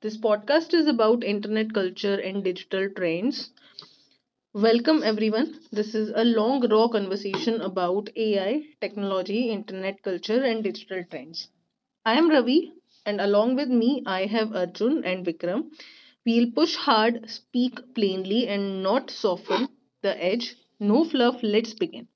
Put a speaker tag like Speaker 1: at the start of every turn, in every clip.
Speaker 1: This podcast is about internet culture and digital trends. Welcome everyone. This is a long raw conversation about AI, technology, internet culture and digital trends. I am Ravi, and along with me I have Arjun and Vikram. We'll push hard, speak plainly and not soften the edge. No fluff, let's begin.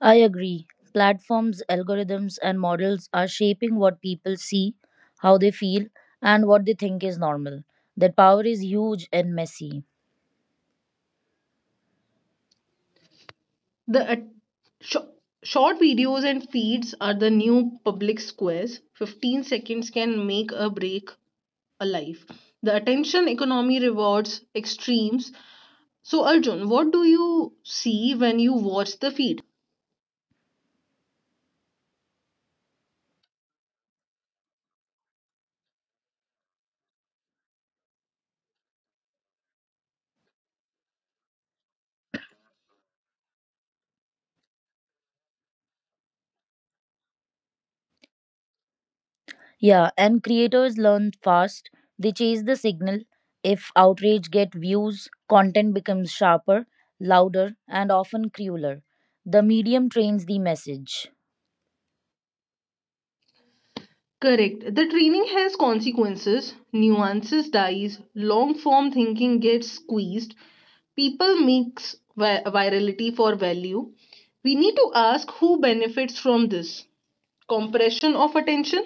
Speaker 2: I agree. Platforms, algorithms, and models are shaping what people see, how they feel, and what they think is normal. That power is huge and messy.
Speaker 1: The sho- short videos and feeds are the new public squares. 15 seconds can make a break a life. The attention economy rewards extremes. So, Arjun, what do you see when you watch the feed?
Speaker 2: Yeah, and creators learn fast. They chase the signal. If outrage get views, content becomes sharper, louder, and often crueler. The medium trains the message.
Speaker 1: Correct. The training has consequences, nuances dies, long form thinking gets squeezed, people mix virality for value. We need to ask who benefits from this compression of attention.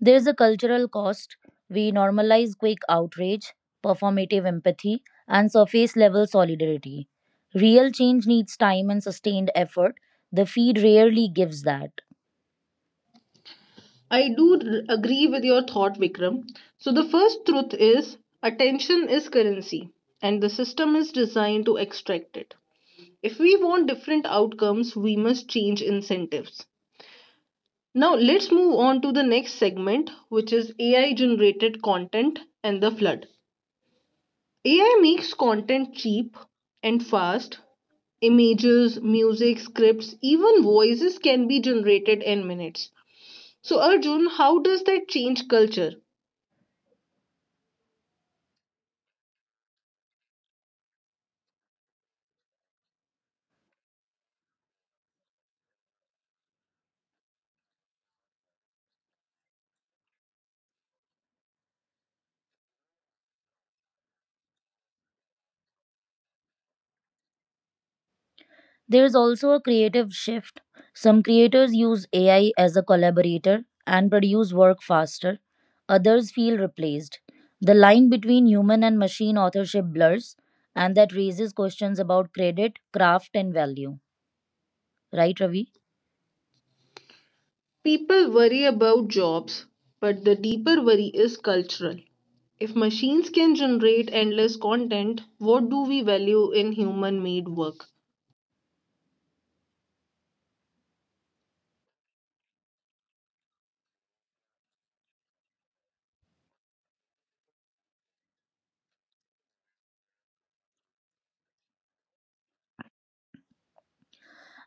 Speaker 2: There's a cultural cost. We normalize quick outrage, performative empathy, and surface level solidarity. Real change needs time and sustained effort. The feed rarely gives that.
Speaker 1: I do agree with your thought, Vikram. So, the first truth is attention is currency, and the system is designed to extract it. If we want different outcomes, we must change incentives. Now, let's move on to the next segment, which is AI generated content and the flood. AI makes content cheap and fast. Images, music, scripts, even voices can be generated in minutes. So, Arjun, how does that change culture?
Speaker 2: There's also a creative shift. Some creators use AI as a collaborator and produce work faster, others feel replaced. The line between human and machine authorship blurs, and that raises questions about credit, craft, and value. Right, Ravi?
Speaker 1: People worry about jobs, but the deeper worry is cultural. If machines can generate endless content, what do we value in human made work?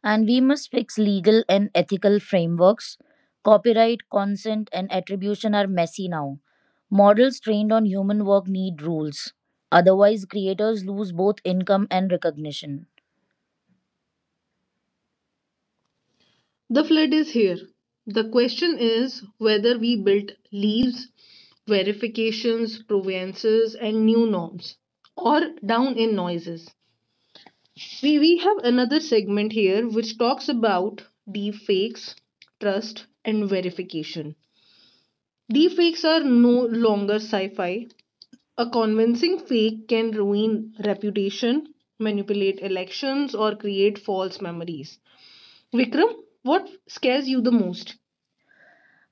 Speaker 2: And we must fix legal and ethical frameworks. Copyright, consent, and attribution are messy now. Models trained on human work need rules. Otherwise, creators lose both income and recognition.
Speaker 1: The flood is here. The question is whether we built leaves, verifications, provenances, and new norms, or down in noises. We have another segment here which talks about deepfakes, trust, and verification. Deepfakes are no longer sci fi. A convincing fake can ruin reputation, manipulate elections, or create false memories. Vikram, what scares you the most?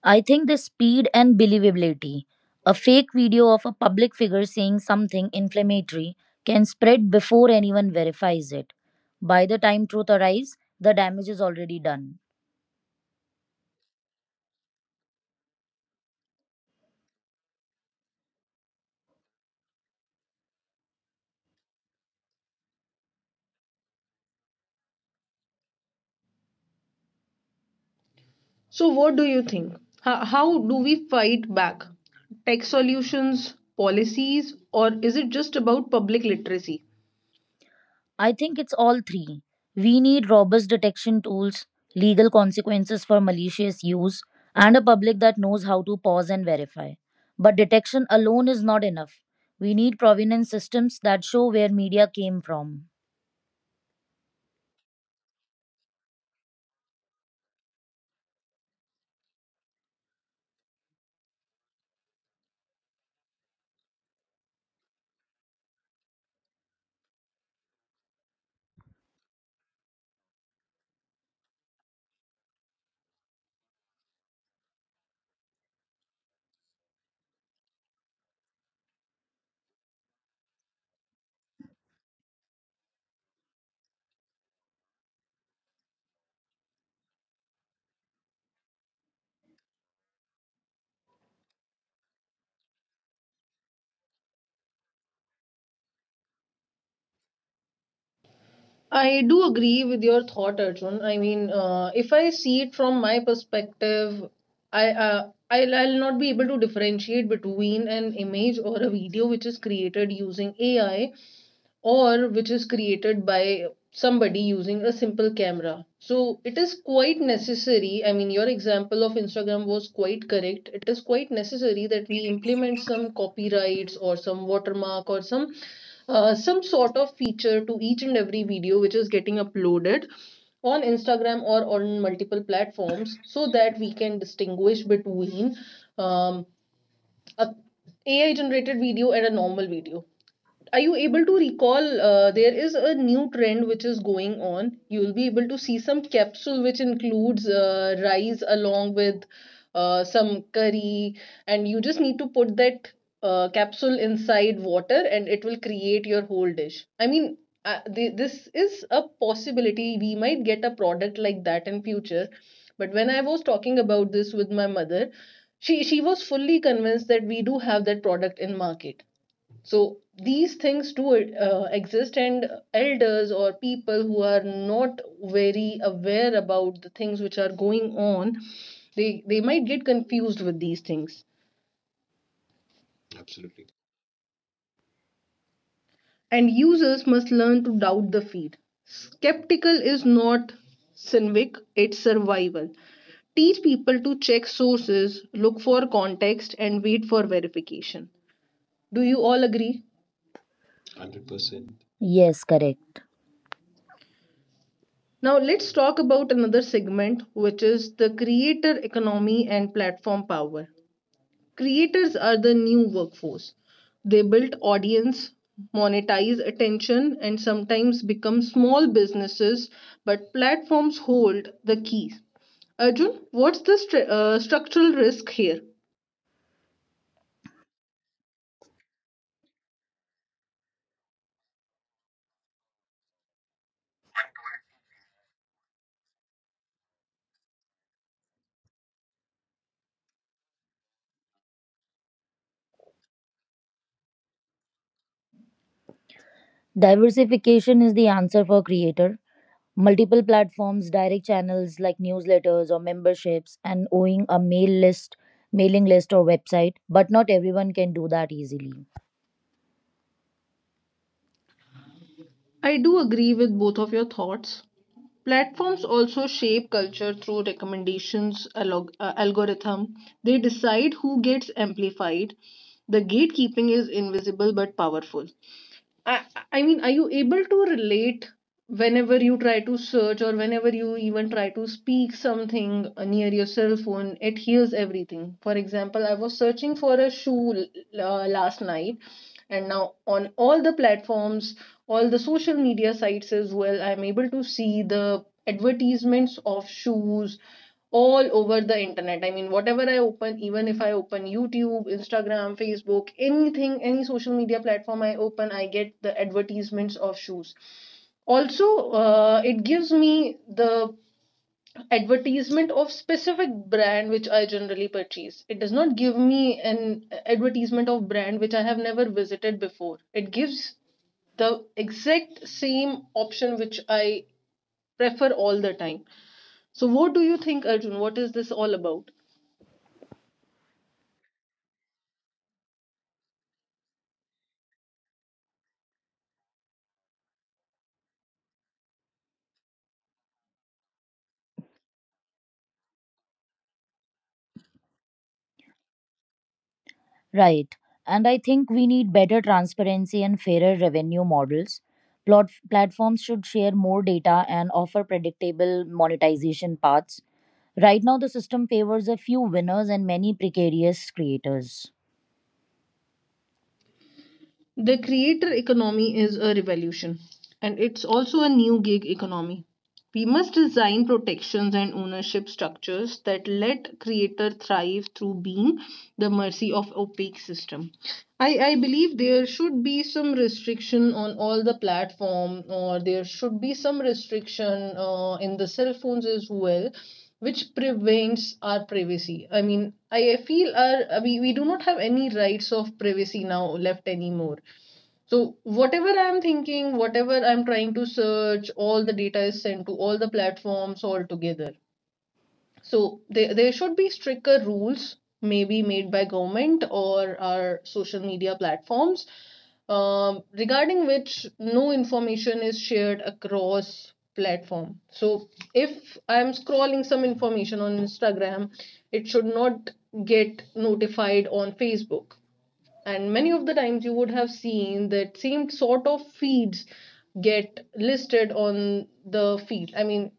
Speaker 2: I think the speed and believability. A fake video of a public figure saying something inflammatory can spread before anyone verifies it. By the time truth arrives, the damage is already done.
Speaker 1: So, what do you think? How do we fight back? Tech solutions, policies, or is it just about public literacy?
Speaker 2: I think it's all three. We need robust detection tools, legal consequences for malicious use, and a public that knows how to pause and verify. But detection alone is not enough. We need provenance systems that show where media came from.
Speaker 1: I do agree with your thought, Arjun. I mean, if I see it from my perspective, I I'll not be able to differentiate between an image or a video which is created using AI or which is created by somebody using a simple camera. So it is quite necessary. I mean, your example of Instagram was quite correct. It is quite necessary that we implement some copyrights or some watermark or some sort of feature to each and every video which is getting uploaded on Instagram or on multiple platforms so that we can distinguish between um, a AI generated video and a normal video. Are you able to recall? There is a new trend which is going on. You will be able to see some capsule which includes rice along with some curry, and you just need to put that capsule inside water and it will create your whole dish. I mean, this is a possibility. We might get a product like that in future. But when I was talking about this with my mother, she was fully convinced that we do have that product in market, so these things do exist, and elders or people who are not very aware about the things which are going on, they might get confused with these things. And users must learn to doubt the feed. Skeptical is not cynic; it's survival. Teach people to check sources, look for context and wait for verification. Do you all agree?
Speaker 2: Yes, correct.
Speaker 1: Now, let's talk about another segment, which is the creator economy and platform power. Creators are the new workforce. They build audience, monetize attention, and sometimes become small businesses, but platforms hold the keys. Arjun, what's the structural risk here?
Speaker 2: Diversification is the answer for creator. Multiple platforms, direct channels like newsletters or memberships, and owning a mailing list or website, but not everyone can do that easily.
Speaker 1: I do agree with both of your thoughts. Platforms also shape culture through recommendations algorithm. They decide who gets amplified. The gatekeeping is invisible but powerful. I, I mean, are you able to relate whenever you try to search or whenever you even try to speak something near your cell phone? It hears everything. For example, I was searching for a shoe last night, and now on all the platforms, all the social media sites as well, I'm able to see the advertisements of shoes all over the internet. I mean, whatever I open, even if I open YouTube, Instagram, Facebook, anything, any social media platform I open, I get the advertisements of shoes. Also, it gives me the advertisement of specific brand which I generally purchase. It does not give me an advertisement of brand which I have never visited before. It gives the exact same option which I prefer all the time. So, what do you think, Arjun? What is this all about?
Speaker 2: Right. And I think we need better transparency and fairer revenue models. Platforms should share more data and offer predictable monetization paths. Right now, the system favors a few winners and many precarious creators.
Speaker 1: The creator economy is a revolution, and it's also a new gig economy. We must design protections and ownership structures that let creator thrive through being the mercy of opaque system. I believe there should be some restriction on all the platform, or there should be some restriction in the cell phones as well which prevents our privacy. I mean, I feel our, we do not have any rights of privacy now left anymore, so whatever I'm thinking, whatever I'm trying to search, all the data is sent to all the platforms all together. So there should be stricter rules maybe made by government or our social media platforms regarding which no information is shared across platform. So if I'm scrolling some information on Instagram, it should not get notified on Facebook. And many of the times you would have seen that same sort of feeds get listed on the feed. I mean,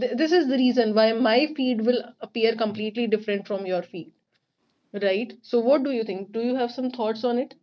Speaker 1: this is the reason why my feed will appear completely different from your feed, right? So what do you think? Do you have some thoughts on it?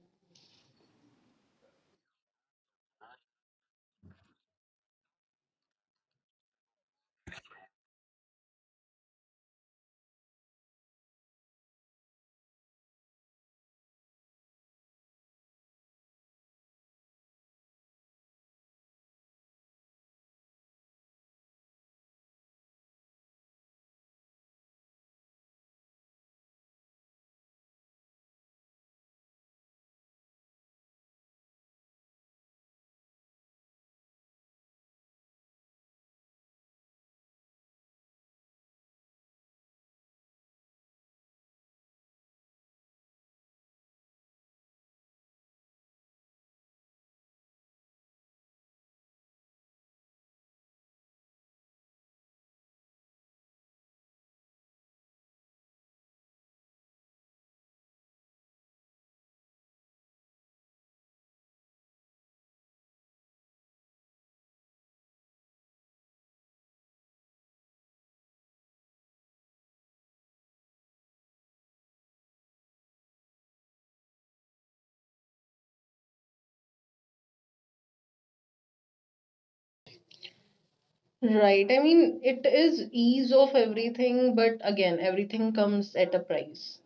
Speaker 1: Right, I mean, it is ease of everything, but again everything comes at a price.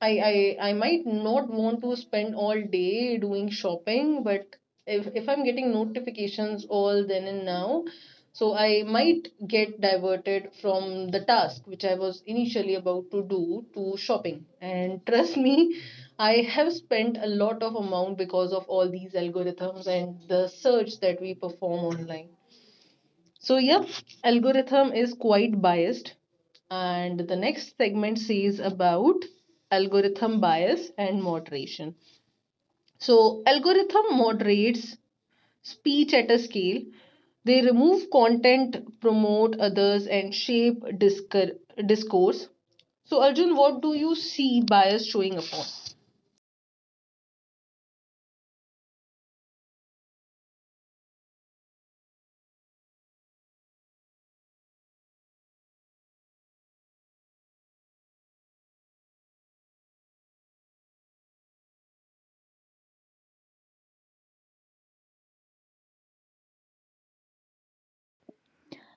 Speaker 1: I might not want to spend all day doing shopping, but if I'm getting notifications all then and now, so I might get diverted from the task which I was initially about to do to shopping. And trust me, I have spent a lot of amount because of all these algorithms and the search that we perform online. So, yep, algorithm is quite biased. And the next segment says about algorithm bias and moderation. So, algorithm moderates speech at a scale. They remove content, promote others, and shape discourse. So, Arjun, what do you see bias showing upon?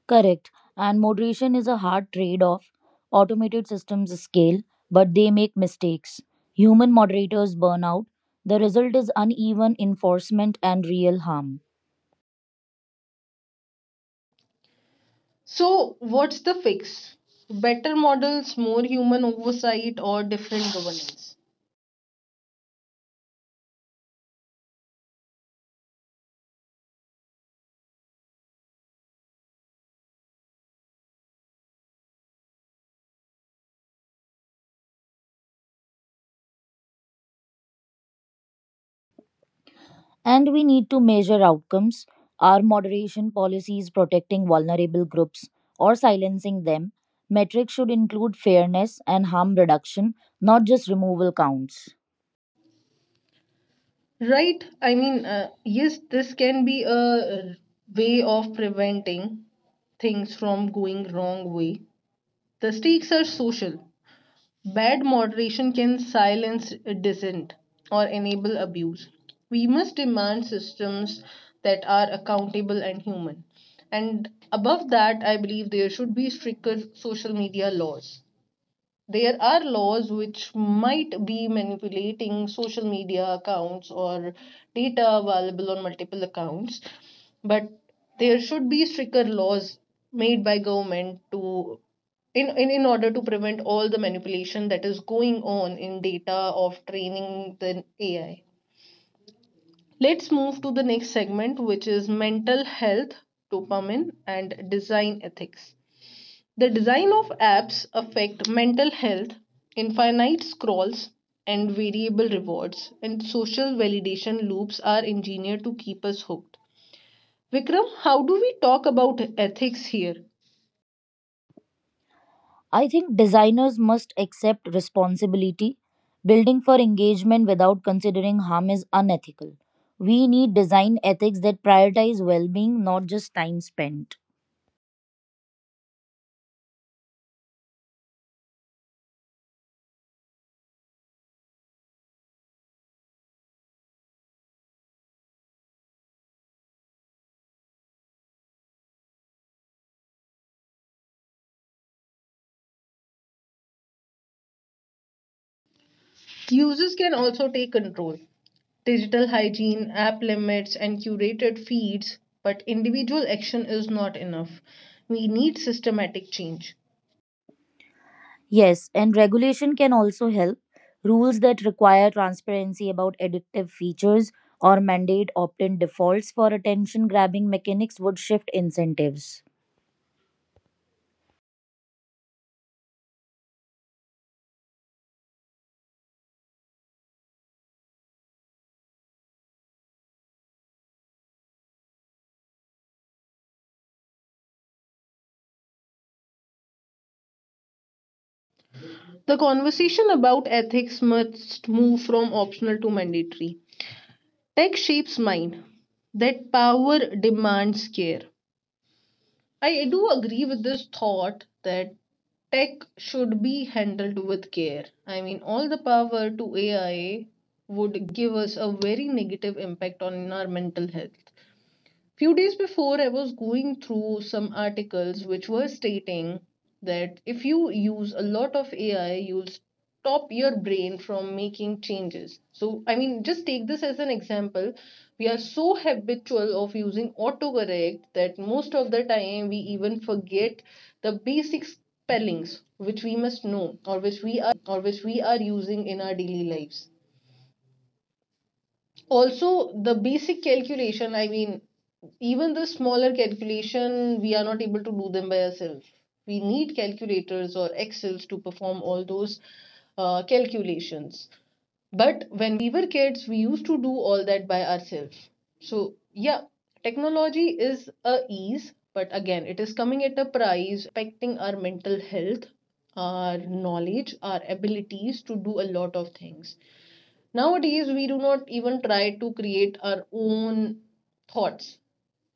Speaker 2: Correct. And moderation is a hard trade off. Automated systems scale, but they make mistakes. Human moderators burn out. The result is uneven enforcement and real harm.
Speaker 1: So, what's the fix? Better models, more human oversight, or different governance?
Speaker 2: And we need to measure outcomes. Are moderation policies protecting vulnerable groups or silencing them? Metrics should include fairness and harm reduction, not just removal counts.
Speaker 1: Right? I mean, yes, this can be a way of preventing things from going wrong way. The stakes are social. Bad moderation can silence dissent or enable abuse. We must demand systems that are accountable and human. And above that, I believe there should be stricter social media laws. There are laws which might be manipulating social media accounts or data available on multiple accounts, but there should be stricter laws made by government to in order to prevent all the manipulation that is going on in data of training the AI. Let's move to the next segment, which is mental health, dopamine and design ethics. The design of apps affect mental health, infinite scrolls and variable rewards and social validation loops are engineered to keep us hooked. Vikram, how do we talk about ethics here?
Speaker 2: I think designers must accept responsibility. Building for engagement without considering harm is unethical. We need design ethics that prioritize well being, not just time spent.
Speaker 1: Users can also take control. Digital hygiene, app limits, and curated feeds, but individual action is not enough. We need systematic change.
Speaker 2: Yes, and regulation can also help. Rules that require transparency about addictive features or mandate opt in defaults for attention grabbing mechanics would shift incentives.
Speaker 1: The conversation about ethics must move from optional to mandatory. Tech shapes mind. That power demands care. I do agree with this thought that tech should be handled with care. I mean, all the power to AI would give us a very negative impact on our mental health. Few days before, I was going through some articles which were stating that if you use a lot of AI, you'll stop your brain from making changes. So, I mean, just take this as an example. We are so habitual of using autocorrect that most of the time we even forget the basic spellings which we must know or which we are using in our daily lives. Also the basic calculation, I mean even the smaller calculation, we are not able to do them by ourselves. We need calculators or Excels to perform all those calculations. But when we were kids, we used to do all that by ourselves. So yeah, technology is a ease, but again it is coming at a price, and it is impacting our mental health, our knowledge, our abilities to do a lot of things. Nowadays, we do not even try to create our own thoughts.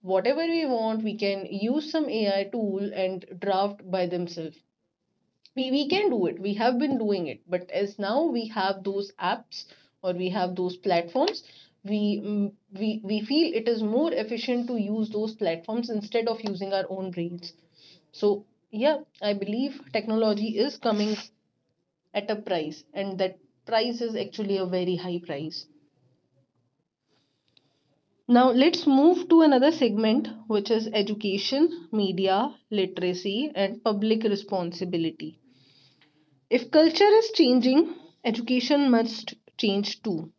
Speaker 1: Whatever we want, we can use some AI tool and draft by themselves. We can do it. We have been doing it. But as now we have those apps or we have those platforms, we, we feel it is more efficient to use those platforms instead of using our own brains. So, yeah, I believe technology is coming at a price, and that price is actually a very high price. Now, let's move to another segment, which is education, media, literacy, and public responsibility. If culture is changing, education must change too.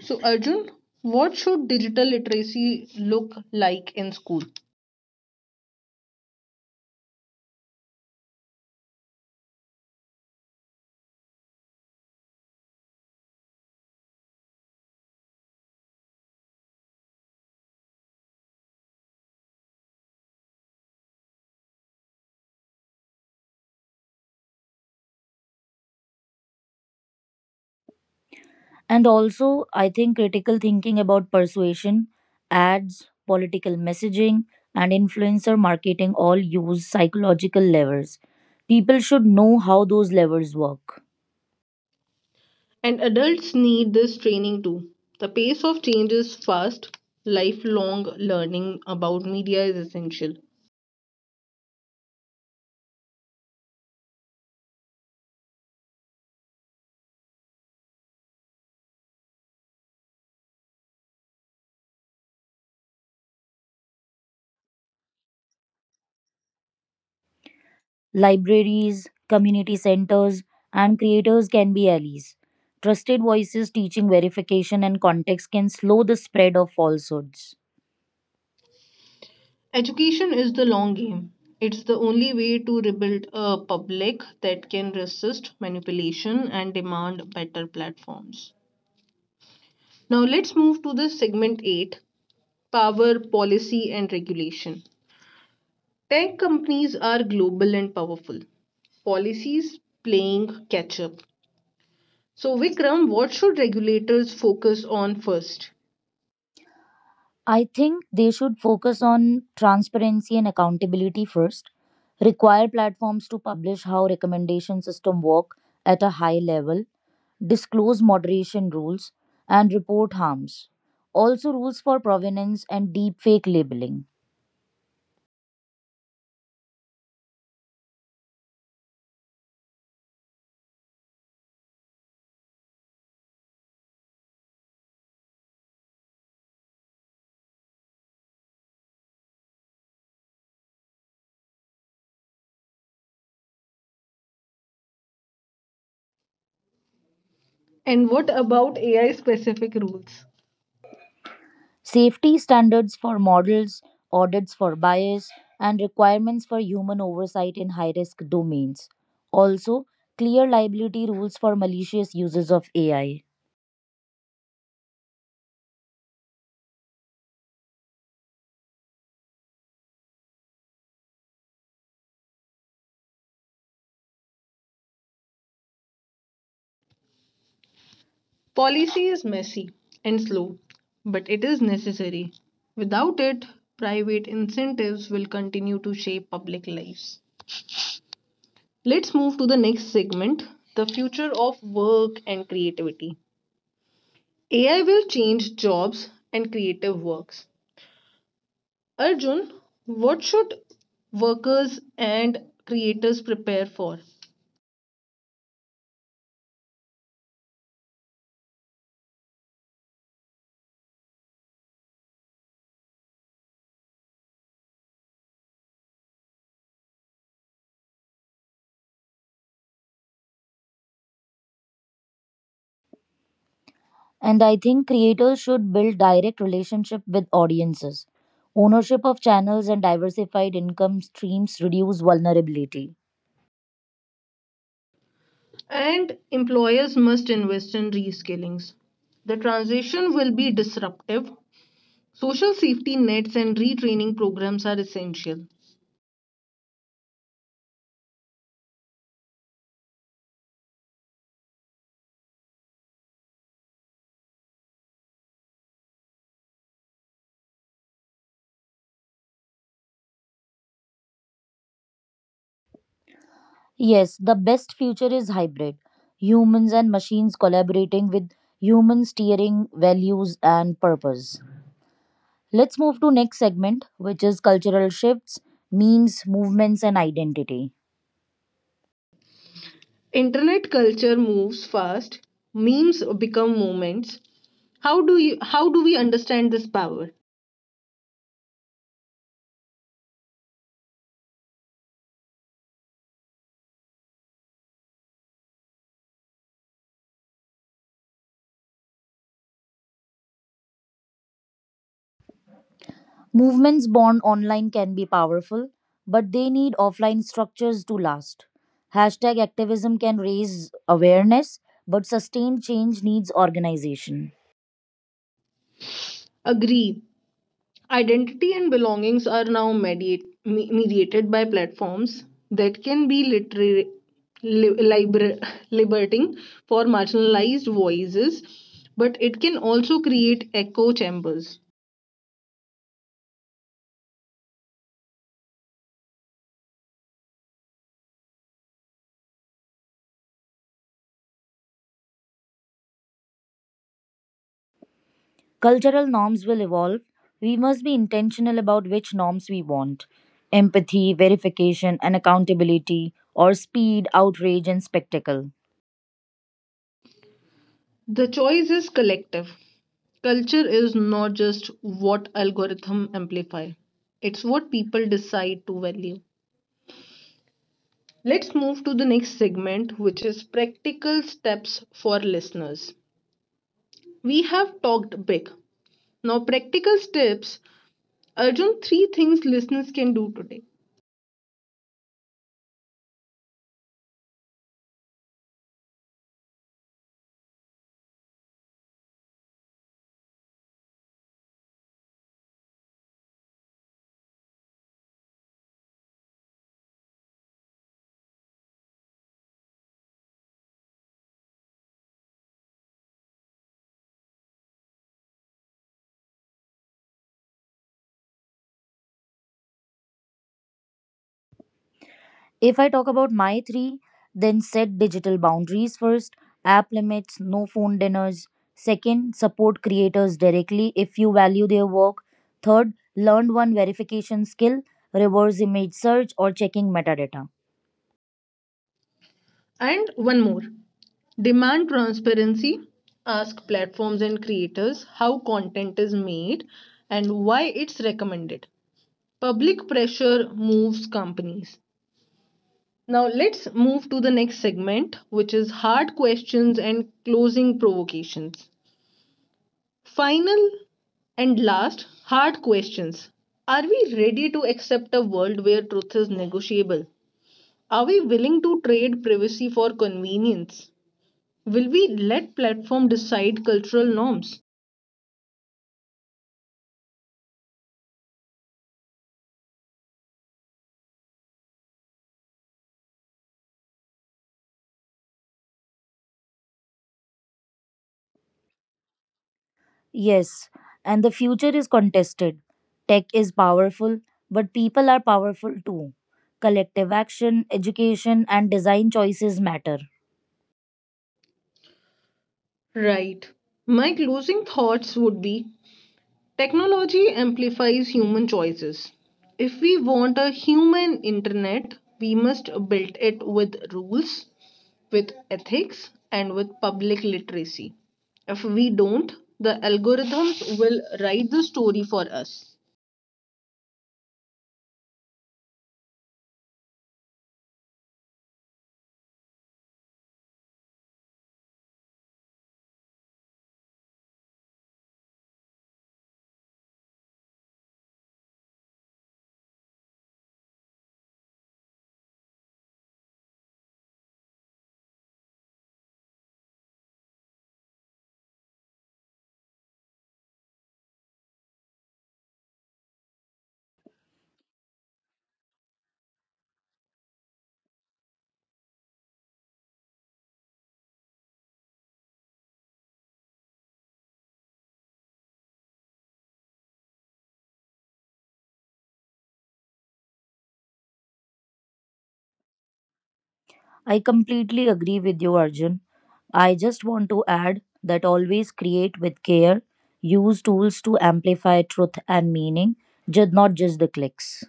Speaker 1: So, Arjun, what should digital literacy look like in school?
Speaker 2: And also, I think critical thinking about persuasion, ads, political messaging, and influencer marketing all use psychological levers. People should know how those levers work.
Speaker 1: And adults need this training too. The pace of change is fast. Lifelong learning about media is essential.
Speaker 2: Libraries, community centers, and creators can be allies. Trusted voices teaching verification and context can slow the spread of falsehoods.
Speaker 1: Education is the long game. It's the only way to rebuild a public that can resist manipulation and demand better platforms. Now let's move to the segment 8, power, policy, and regulation. Tech companies are global and powerful. Policies playing catch up. So, Vikram, what should regulators focus on first?
Speaker 2: I think they should focus on transparency and accountability first, require platforms to publish how recommendation system work at a high level, disclose moderation rules, and report harms. Also rules for provenance and deepfake labeling.
Speaker 1: And what about AI specific rules?
Speaker 2: Safety standards for models, audits for bias, and requirements for human oversight in high risk domains. Also, clear liability rules for malicious uses of AI.
Speaker 1: Policy is messy and slow, but it is necessary. Without it, private incentives will continue to shape public lives. Let's move to the next segment, the future of work and creativity. AI will change jobs and creative works. Arjun, what should workers and creators prepare for?
Speaker 2: And I think creators should build direct relationship with audiences. Ownership of channels and diversified income streams reduce vulnerability.
Speaker 1: And employers must invest in reskillings. The transition will be disruptive. Social safety nets and retraining programs are essential.
Speaker 2: Yes, the best future is hybrid. Humans and machines collaborating with humans steering values and purpose. Let's move to next segment which is cultural shifts, memes, movements and identity.
Speaker 1: Internet culture moves fast, memes become moments. How do we understand this power?
Speaker 2: Movements born online can be powerful, but they need offline structures to last. Hashtag activism can raise awareness, but sustained change needs organization.
Speaker 1: Agree. Identity and belongings are now mediate, mediated by platforms that can be literary, li- liber- liberating for marginalized voices, but it can also create echo chambers.
Speaker 2: Cultural norms will evolve. We must be intentional about which norms we want empathy, verification, and accountability, or speed, outrage, and spectacle.
Speaker 1: The choice is collective. Culture is not just what algorithm amplify. It's what people decide to value. Let's move to the next segment, which is practical steps for listeners. We have talked big. Now practical steps, Arjun, three things listeners can do today.
Speaker 2: If I talk about my three, then set digital boundaries first, app limits, no phone dinners. Second, support creators directly if you value their work. Third, learn one verification skill, reverse image search, or checking metadata.
Speaker 1: And one more. Demand transparency, ask platforms and creators how content is made and why it's recommended. Public pressure moves companies. Now let's move to the next segment, which is hard questions and closing provocations. Final and last, hard questions. Are we ready to accept a world where truth is negotiable? Are we willing to trade privacy for convenience? Will we let platform decide cultural norms?
Speaker 2: Yes, and the future is contested. Tech is powerful, but people are powerful too. Collective action, education, and design choices matter.
Speaker 1: Right. My closing thoughts would be, technology amplifies human choices. If we want a human internet, we must build it with rules, with ethics, and with public literacy. If we don't, the algorithms will write the story for us.
Speaker 2: I completely agree with you, Arjun. I just want to add that always create with care, use tools to amplify truth and meaning, not just the clicks.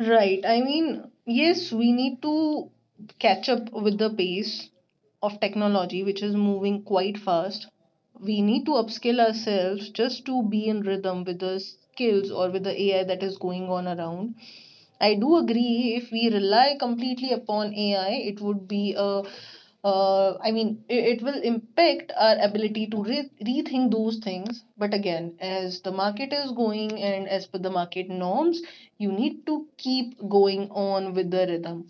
Speaker 1: Right. I mean, yes, we need to catch up with the pace of technology, which is moving quite fast. We need to upskill ourselves just to be in rhythm with the skills or with the AI that is going on around. I do agree if we rely completely upon AI, it would be a I mean, it will impact our ability to rethink those things. But again, as the market is going and as per the market norms, you need to keep going on with the rhythm.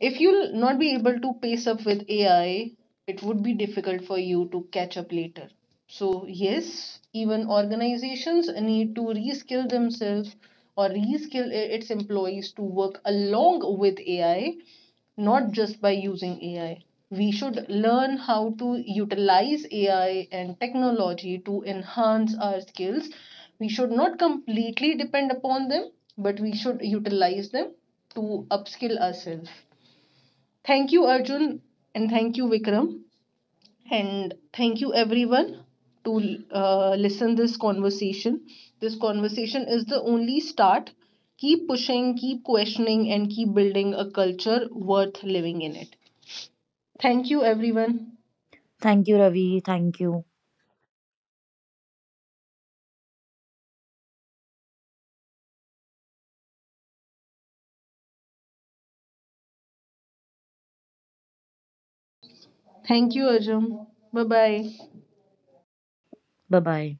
Speaker 1: If you'll not be able to pace up with AI, it would be difficult for you to catch up later. So, yes, even organizations need to reskill themselves or reskill its employees to work along with AI, not just by using AI. We should learn how to utilize AI and technology to enhance our skills. We should not completely depend upon them, but we should utilize them to upskill ourselves. Thank you, Arjun, and thank you, Vikram, and thank you, everyone, to listen this conversation. This conversation is the only start. Keep pushing, keep questioning, and keep building a culture worth living in it. Thank you, everyone.
Speaker 2: Thank you, Ravi. Thank you.
Speaker 1: Thank you, Arjun. Bye bye.
Speaker 2: Bye bye.